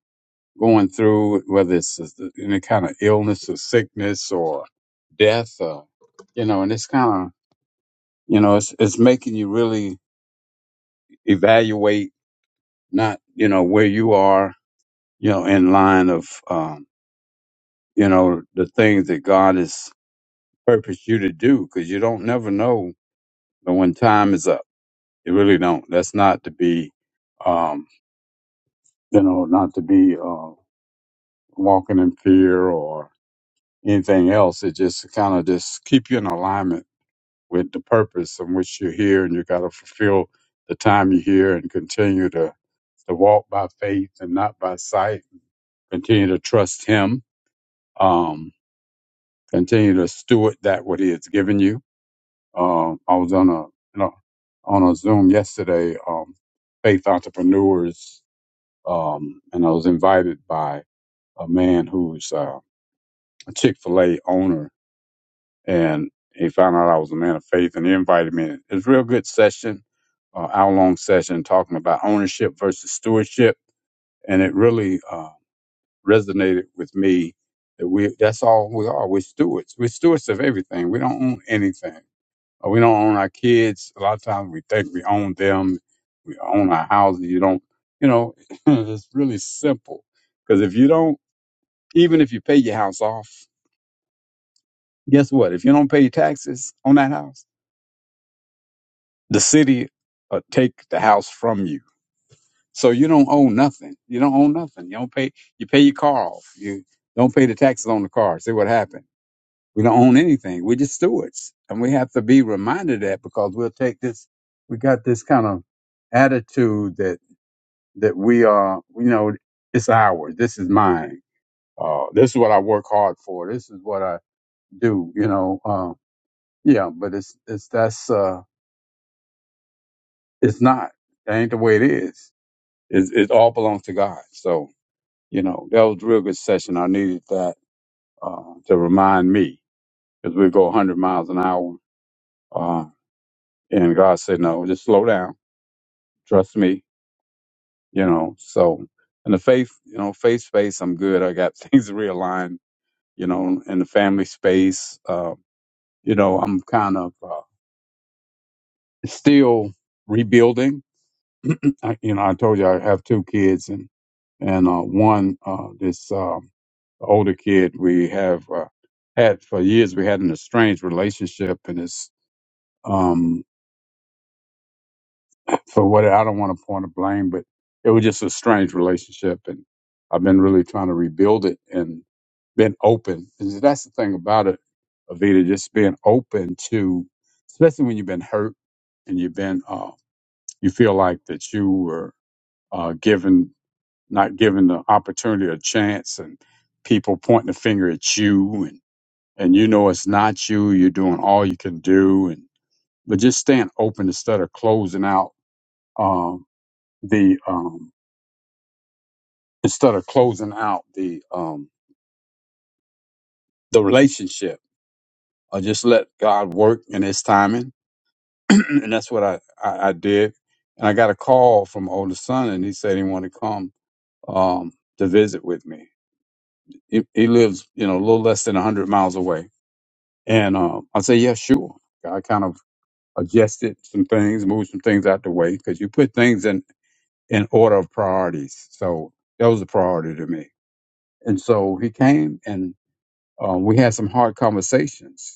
S4: going through whether it's uh, any kind of illness or sickness or death, or you know, and it's kind of you know, it's it's making you really evaluate not you know where you are you know in line of um you know the things that god has purposed you to do because you don't never know when time is up you really don't that's not to be um you know not to be uh walking in fear or anything else it just kind of just keep you in alignment with the purpose in which you're here and you got to fulfill the time you're here and continue to to walk by faith and not by sight Continue to trust Him. Um, continue to steward that what He has given you. Uh, I was on a you know, on a Zoom yesterday, um, Faith Entrepreneurs, um, and I was invited by a man who's uh, a Chick Fil A owner, and he found out I was a man of faith, and he invited me. It's a real good session uh, hour long session talking about ownership versus stewardship. And it really uh, resonated with me that we that's all we are. We're stewards. We're stewards of everything. We don't own anything. Uh, We don't own our kids. A lot of times we think we own them. We own our houses. You don't. You know, it's really simple. Because if you don't, even if you pay your house off, guess what? If you don't pay taxes on that house, the city will take the house from you. So you don't own nothing. You don't own nothing. You don't pay. You pay your car off. You don't pay the taxes on the car. See what happened We don't own anything. We're just stewards. And we have to be reminded of that because we'll take this, we got this kind of attitude that, that we are, you know, it's ours. This is mine. Uh, this is what I work hard for. This is what I do, you know. Uh, yeah, but it's, it's, that's, uh, it's not. That ain't the way it is. It, it all belongs to God. So, you know, that was a real good session. I needed that, uh, to remind me because we go 100 miles an hour. uh, And God said, no, just slow down. Trust me, you know. So in the faith, you know, faith space, I'm good. I got things realigned, you know, in the family space. Uh, you know, I'm kind of uh, still rebuilding. I, you know, I told you I have two kids and, and uh, one, uh, this um, older kid we have uh, had for years, we had an estranged relationship and it's, um, for what I don't want to point a blame, but it was just a strange relationship, and I've been really trying to rebuild it and been open. And that's the thing about it, Avita, just being open to, especially when you've been hurt and you've been, uh, you feel like that you were uh, given not given the opportunity or chance, and people pointing the finger at you, and and you know it's not you. You're doing all you can do, and but just staying open instead of closing out. Um, the um, instead of closing out the um the relationship or just let god work in his timing and that's what I, I i did and i got a call from my older son and he said he wanted to come um to visit with me he, he lives you know a little less than 100 miles away and um i said yeah sure i kind of adjusted some things moved some things out the way because you put things in in order of priorities so that was a priority to me and so he came and um, we had some hard conversations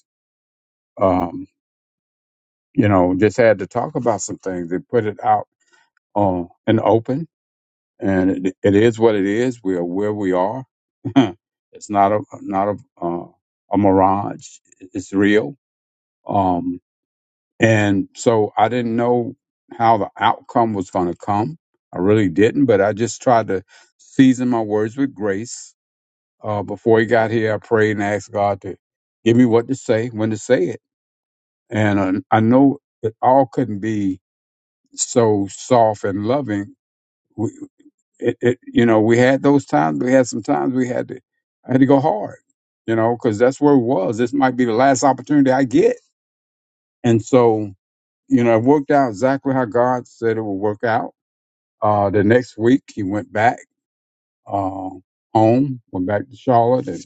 S4: um, you know, just had to talk about some things and put it out uh, in the open. And it, it is what it is. We are where we are. it's not a not a uh, a mirage. It's real. Um, and so I didn't know how the outcome was going to come. I really didn't, but I just tried to season my words with grace. Uh, before he got here, I prayed and asked God to give me what to say, when to say it. And uh, I know it all couldn't be so soft and loving. We, it, it, you know, we had those times. We had some times we had to, I had to go hard, you know, because that's where it was. This might be the last opportunity I get. And so, you know, it worked out exactly how God said it would work out. Uh, the next week he went back, uh, home, went back to Charlotte and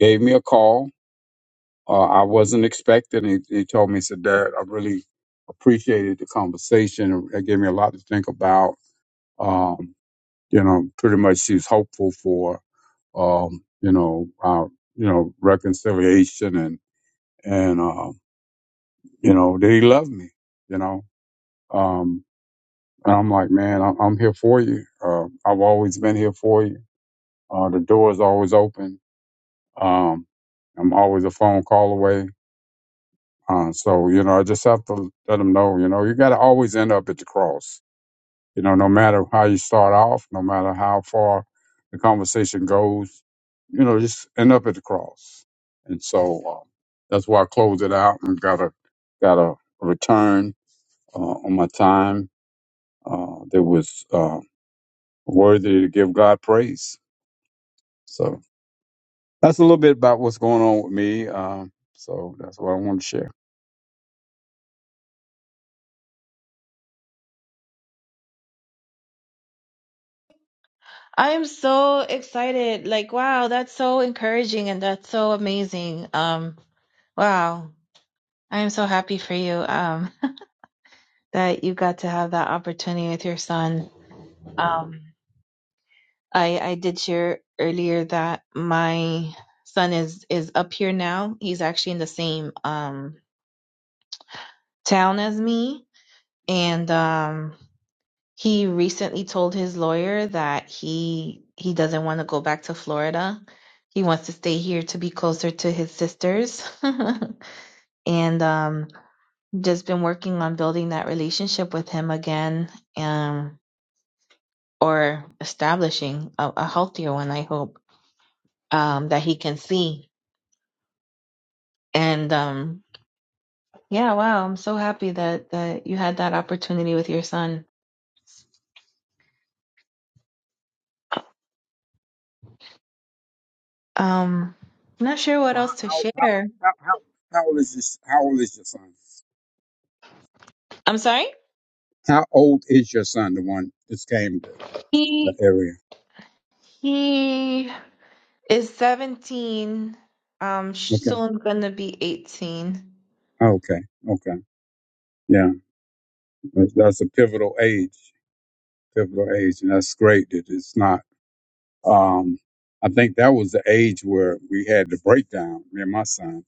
S4: gave me a call. Uh, I wasn't expecting. He, he told me, he said, Dad, I really appreciated the conversation. It gave me a lot to think about. Um, you know, pretty much she's hopeful for, um, you know, uh, you know, reconciliation and, and, um, you know, that he loved me, you know, um, and I'm like, man, I'm, I'm here for you. Uh, I've always been here for you. Uh, the door is always open. Um, I'm always a phone call away. Uh, so, you know, I just have to let him know, you know, you got to always end up at the cross You know, no matter how you start off, no matter how far the conversation goes, you know, just end up at the cross. And so um, that's why I closed it out and got a got a return uh, on my time uh, that was uh, worthy to give God praise. So that's a little bit about what's going on with me. Um, so that's what I want to share.
S2: I am so excited. Like, wow, that's so encouraging and that's so amazing. Um, Wow. I am so happy for you um, that you got to have that opportunity with your son. Um, I, I did share earlier that my son is, is up here now. He's actually in the same um, town as me. And um, he recently told his lawyer that he he doesn't want to go back to Florida. He wants to stay here to be closer to his sisters. and um, just been working on building that relationship with him again um or establishing a, a healthier one i hope um that he can see and um yeah wow i'm so happy that that you had that opportunity with your son um I'm not sure what
S4: Well,
S2: else
S4: how,
S2: to
S4: how, how,
S2: share
S4: how, how how old is this? How old is your son?
S2: i'm sorry
S4: How old is your son? The one that came to the
S2: he
S4: area.
S2: he is 17 um soon gonna be 18
S4: Okay, okay, yeah, that's, that's a pivotal age, pivotal age, and that's great that it's not. Um, I think that was the age where we had the breakdown. Me and my son,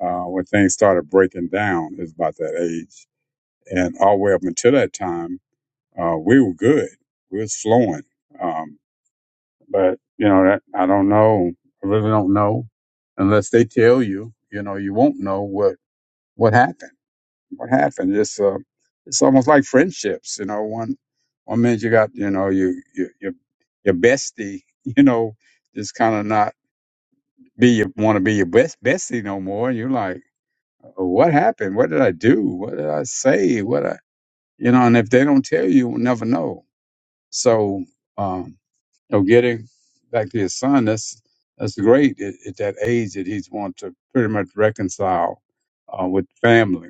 S4: uh, when things started breaking down, is about that age, and all the way up until that time, uh, we were good, we was flowing. Um, but you know, that, I don't know, I really don't know, unless they tell you. You know, you won't know what what happened what happened. It's uh, it's almost like friendships. You know, one one minute you got you know you you your your bestie, you know, just kind of not be your want to be your best bestie no more. And you're like, "Oh, what happened? What did I do? What did I say? What I you know? And if they don't tell you, you'll never know. So, um, you know, getting back to his son, that's that's great at, at that age that he's wanting to pretty much reconcile uh, with family,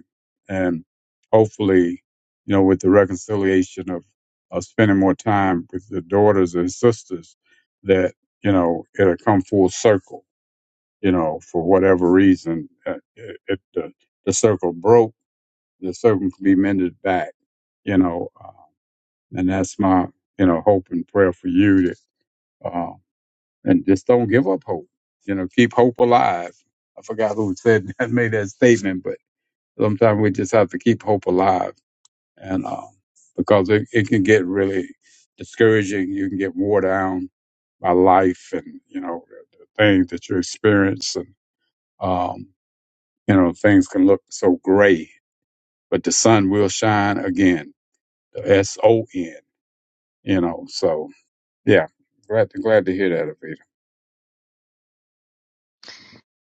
S4: and hopefully, you know, with the reconciliation of of spending more time with the daughters and sisters, that you know it'll come full circle. You know, for whatever reason, uh, if the the circle broke, the circle can be mended back. You know, uh, and that's my, you know, hope and prayer for you that, uh, and just don't give up hope. You know, keep hope alive. I forgot who said that, made that statement, but sometimes we just have to keep hope alive. And, uh, because it, it can get really discouraging. You can get worn down by life and, you know, the, the things that you experience. And, um, you know, things can look so gray, but the sun will shine again. The S O N, you know, so Yeah, glad to, glad to hear that, Avita.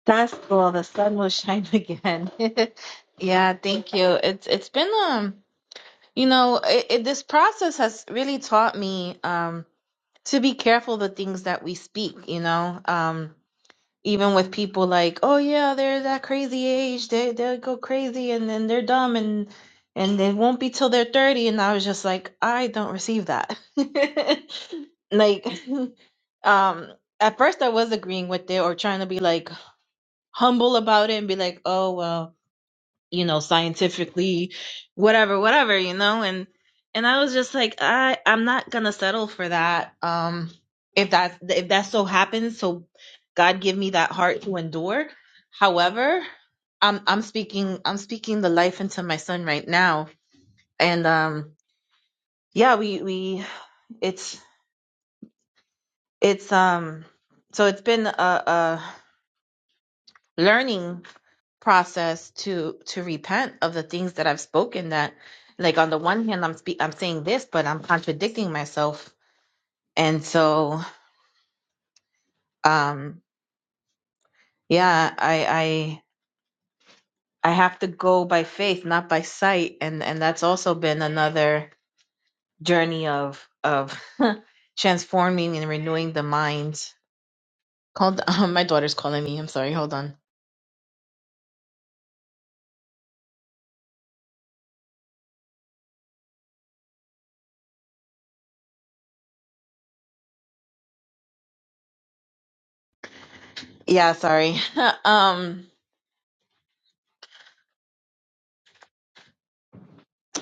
S2: That's cool. The sun will shine again. Yeah, thank you. It's it's been um, you know, it, it, this process has really taught me um to be careful the things that we speak, you know. Um even with people like, "Oh yeah, they're that crazy age. They they'll go crazy and then they're dumb and and they won't be till they're 30." And I was just like, "I don't receive that." Like um at first I was agreeing with it or trying to be like humble about it and be like, oh well, you know, scientifically, whatever, whatever, you know, and and I was just like, I I'm not gonna settle for that. Um, if that if that so happens, so God give me that heart to endure. However, I'm I'm speaking I'm speaking the life into my son right now, and um, yeah, we we it's it's um so it's been a, a learning process to to repent of the things that I've spoken that like on the one hand I'm spe- I'm saying this but I'm contradicting myself and so um yeah I I I have to go by faith not by sight and and that's also been another journey of of transforming and renewing the mind called um, my daughter's calling me I'm sorry hold on yeah sorry um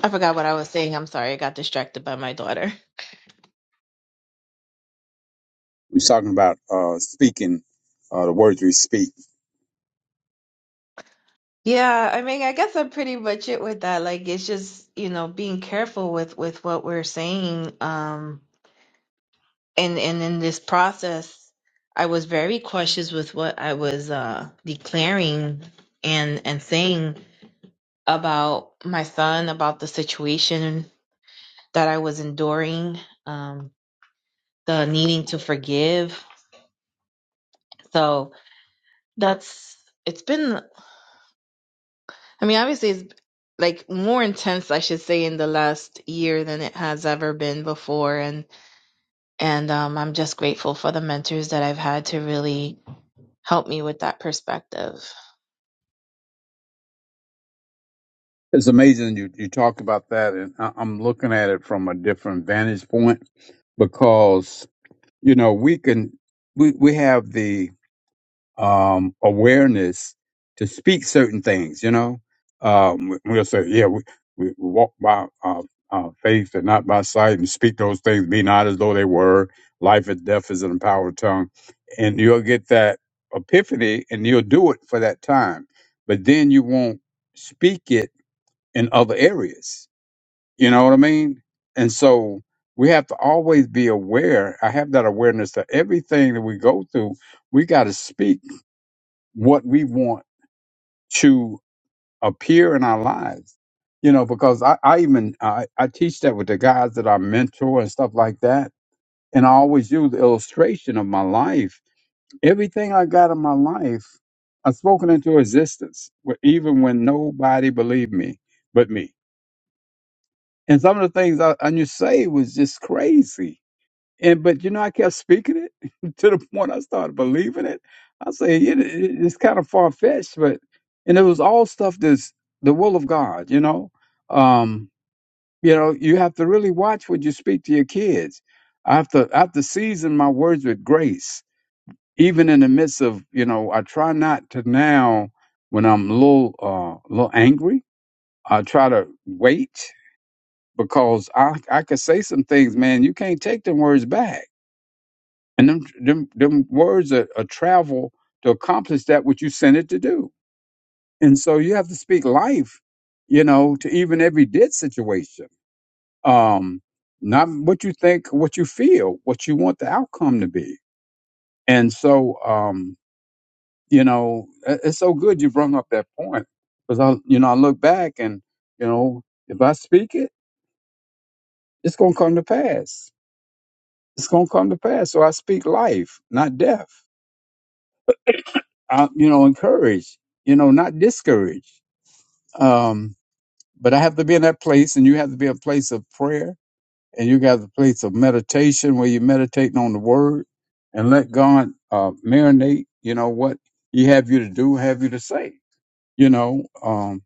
S2: I forgot what I was saying I'm sorry I got distracted by my daughter
S4: We're talking about uh, speaking uh, the words we speak.
S2: Yeah, I mean, I guess I'm pretty much it with that. Like, it's just, you know, being careful with with what we're saying. Um, and and in this process, I was very cautious with what I was uh declaring and and saying about my son, about the situation that I was enduring, um, the needing to forgive. So that's it's been. I mean, obviously, it's like more intense, I should say, in the last year than it has ever been before. And and um, I'm just grateful for the mentors that I've had to really help me with that perspective.
S4: It's amazing you, you talk about that, and I, I'm looking at it from a different vantage point because you know we can we we have the um, awareness to speak certain things. You know, um, we- will say, yeah, we, we we walk by uh, uh, faith and not by sight, and speak those things be not as though they were. Life and death is in the power of tongue, and you'll get that epiphany, and you'll do it for that time. But then you won't speak it in other areas. You know what I mean? And so we have to always be aware. I have that awareness that everything that we go through, we got to speak what we want to appear in our lives. You know, because I, I even I, I teach that with the guys that I mentor and stuff like that. And I always use the illustration of my life. Everything I got in my life, I've spoken into existence, wh- even when nobody believed me but me. And some of the things I, I you say was just crazy And but you know, I kept speaking it to the point I started believing it. I say "Yeah, it, it, it's kind of far fetched, but and it was all stuff that's the will of God. You know, um, you know, you have to really watch what you speak to your kids. I have to I have to season my words with grace, even in the midst of you know. I try not to now when I'm a little uh, little angry. I try to wait because I I could say some things, man. You can't take them words back and them, them, them words are, are travel to accomplish that which you sent it to do. And so you have to speak life, you know, to even every dead situation. Um, not what you think, what you feel, what you want the outcome to be. And so, um, you know, it- it's so good you brought up that point because I, you know, I look back and, you know, if I speak it, it's going to come to pass. It's going to come to pass. So I speak life, not death uh, you know, encourage, you know, not discourage. Um, but I have to be in that place, and you have to be a place of prayer, and you got a place of meditation where you're meditating on the Word, and let God uh, marinate, you know, what He have you to do, have you to say, you know. Um,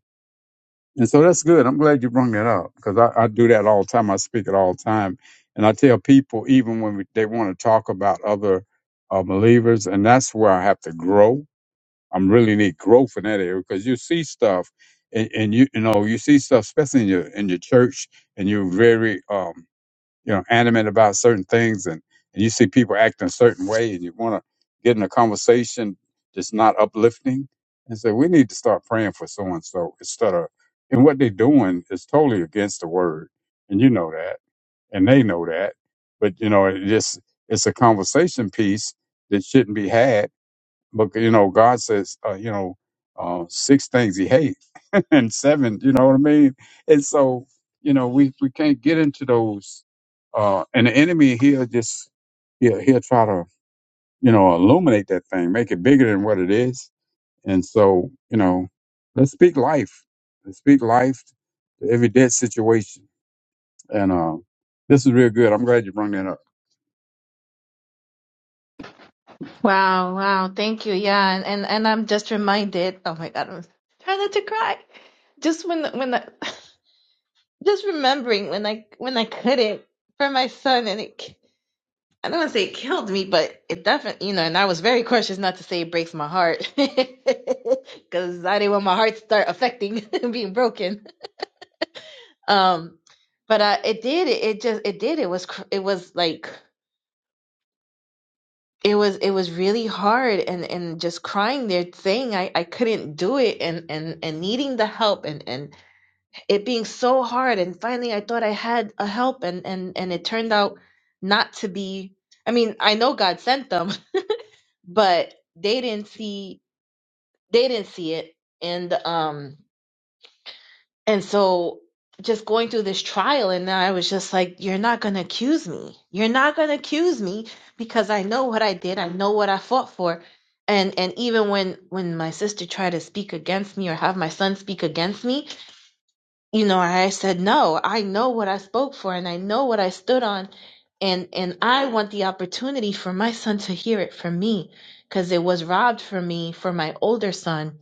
S4: and so that's good. I'm glad you brought that up because I, I do that all the time. I speak it all the time, and I tell people even when we, they want to talk about other uh, believers, and that's where I have to grow I'm really need growth in that area because you see stuff, and, and you you know you see stuff, especially in your in your church, and you're very um you know animate about certain things, and, and you see people acting a certain way, and you want to get in a conversation that's not uplifting, and say we need to start praying for so and so instead of and what they're doing is totally against the word, and you know that, and they know that, but you know it just it's a conversation piece that shouldn't be had but you know, God says, uh, you know, uh, six things He hates, and seven, you know what I mean. And so, you know, we we can't get into those. Uh, and the enemy he'll just he'll he'll try to you know illuminate that thing, make it bigger than what it is. And so, you know, let's speak life. Let's speak life to every dead situation. And uh, this is real good. I'm glad you brought that up.
S2: Wow, wow. Thank you. Yeah, and and, and I'm just reminded. Oh my God, I'm trying not to cry. Just when when I, just remembering when I when I couldn't for my son, and it k- I don't want to say it killed me, but it definitely you know. And I was very cautious not to say it breaks my heart because I didn't want my heart to start affecting and being broken. Um, but uh, it did. It, it just it did. It was cr- it was like. it was it was really hard and and just crying there saying I, I couldn't do it and and and needing the help and and it being so hard and finally I thought I had a help and and and it turned out not to be I mean I know God sent them but they didn't see they didn't see it and um And so just going through this trial, and I was just like, You're not going to accuse me. You're not going to accuse me because I know what I did. I know what I fought for. And and even when when my sister tried to speak against me or have my son speak against me, you know i said no i know what i spoke for and i know what i stood on and and i want the opportunity for my son to hear it from me because it was robbed from me for my older son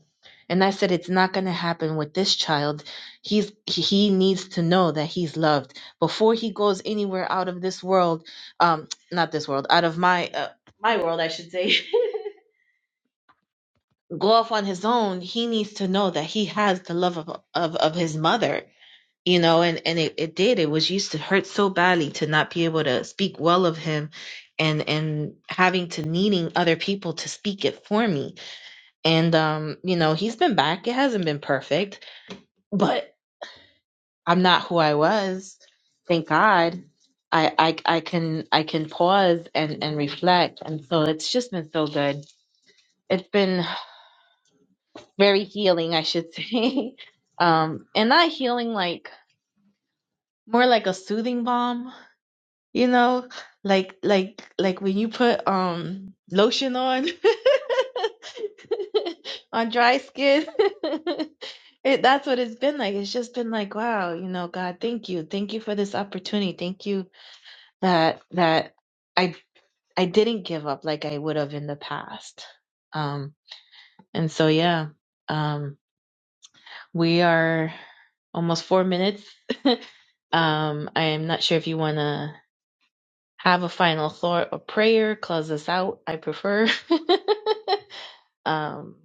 S2: and i said it's not going to happen with this child he's he needs to know that he's loved before he goes anywhere out of this world um not this world out of my uh, my world i should say go off on his own he needs to know that he has the love of of, of his mother you know and and it, it did it was used to hurt so badly to not be able to speak well of him and and having to needing other people to speak it for me and um you know he's been back it hasn't been perfect but i'm not who i was thank god i i, I can i can pause and and reflect and so it's just been so good it's been very healing i should say um and not healing like more like a soothing balm You know, like like like when you put um lotion on on dry skin. It, that's what it's been like. It's just been like, wow, you know, God, thank you. Thank you for this opportunity. Thank you that that I I didn't give up like I would have in the past. Um and so yeah, um we are almost 4 minutes. um I am not sure if you want to have a final thought or prayer, close us out. I prefer. um,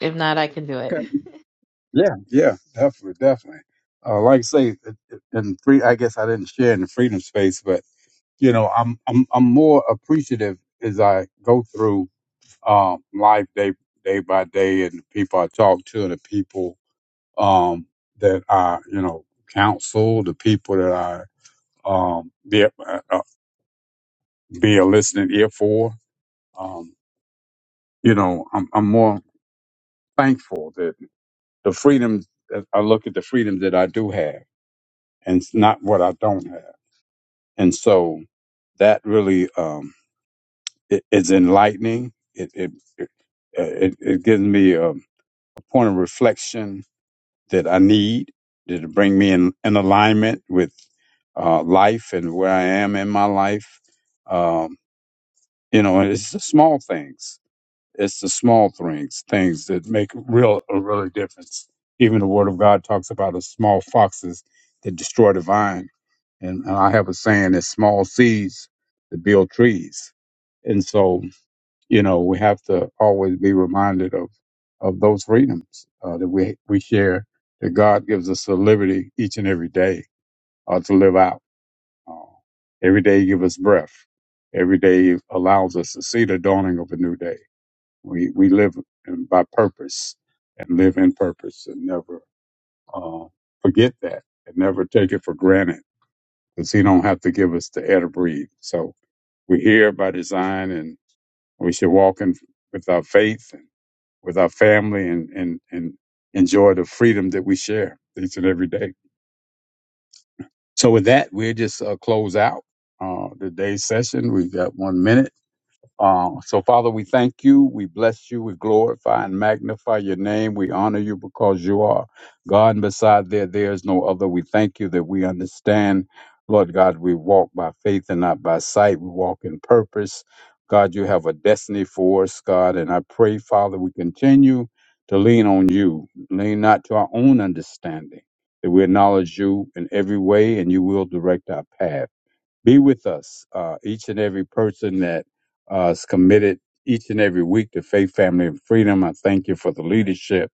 S2: if not, I can do it.
S4: Yeah, yeah, definitely, definitely. Uh, like I say, in free, I guess I didn't share in the freedom space, but you know, I'm I'm I'm more appreciative as I go through um, life day day by day, and the people I talk to, and the people um, that I you know counsel, the people that I um, be a, uh, be a listening ear for. Um, you know, I'm I'm more thankful that the freedoms that I look at the freedoms that I do have, and it's not what I don't have and so that really um, it, it's enlightening. It it, it it it gives me a, a point of reflection that I need to bring me in, in alignment with uh, life and where I am in my life. Um, you know, and it's the small things it's the small things, things that make real a really difference. Even the Word of God talks about the small foxes that destroy the vine, and, and I have a saying: "It's small seeds that build trees." And so, you know, we have to always be reminded of of those freedoms uh, that we we share. That God gives us the liberty each and every day uh, to live out. Uh, every day, He gives us breath. Every day allows us to see the dawning of a new day we we live in, by purpose and live in purpose and never uh, forget that and never take it for granted because He don't have to give us the air to breathe. So we're here by design, and we should walk in with our faith and with our family and and and enjoy the freedom that we share each and every day. So with that, we'll just uh, close out uh, today's session. We've got one minute Uh, so, Father, we thank you. We bless you. We glorify and magnify your name. We honor you because you are God, and beside there, there is no other. We thank you that we understand, Lord God, we walk by faith and not by sight. We walk in purpose. God, you have a destiny for us, God. And I pray, Father, we continue to lean on you, lean not to our own understanding, that we acknowledge you in every way and you will direct our path. Be with us, uh, each and every person that uh, is committed each and every week to faith, family, and freedom. I thank you for the leadership,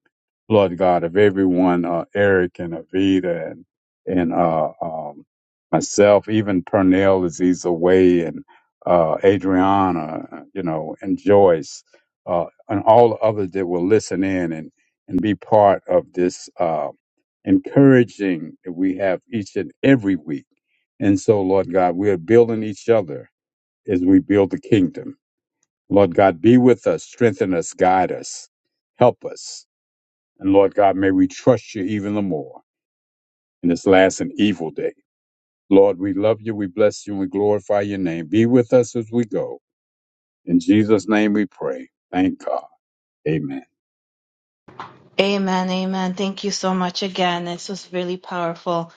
S4: Lord God, of everyone, uh, Eric and Avita and and uh, um, myself, even Pernell as he's away, and uh, Adriana, you know, and Joyce, uh, and all the others that will listen in and and be part of this. Uh, encouraging that we have each and every week. And so, Lord God, we are building each other as we build the kingdom. Lord God, be with us, strengthen us, guide us, help us. And Lord God, may we trust you even the more in this last and evil day. Lord, we love you, we bless you, and we glorify your name. Be with us as we go. In Jesus' name we pray. Thank God. Amen.
S2: Amen. Amen. Thank you so much again. This was really powerful.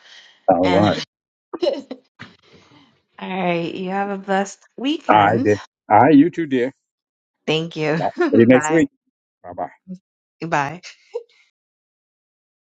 S4: All
S2: And
S4: right.
S2: all right, you have a blessed
S4: I
S2: weekend.
S4: did. I, you too, dear.
S2: Thank you.
S4: See you next
S2: Bye.
S4: week. Bye bye.
S2: Bye.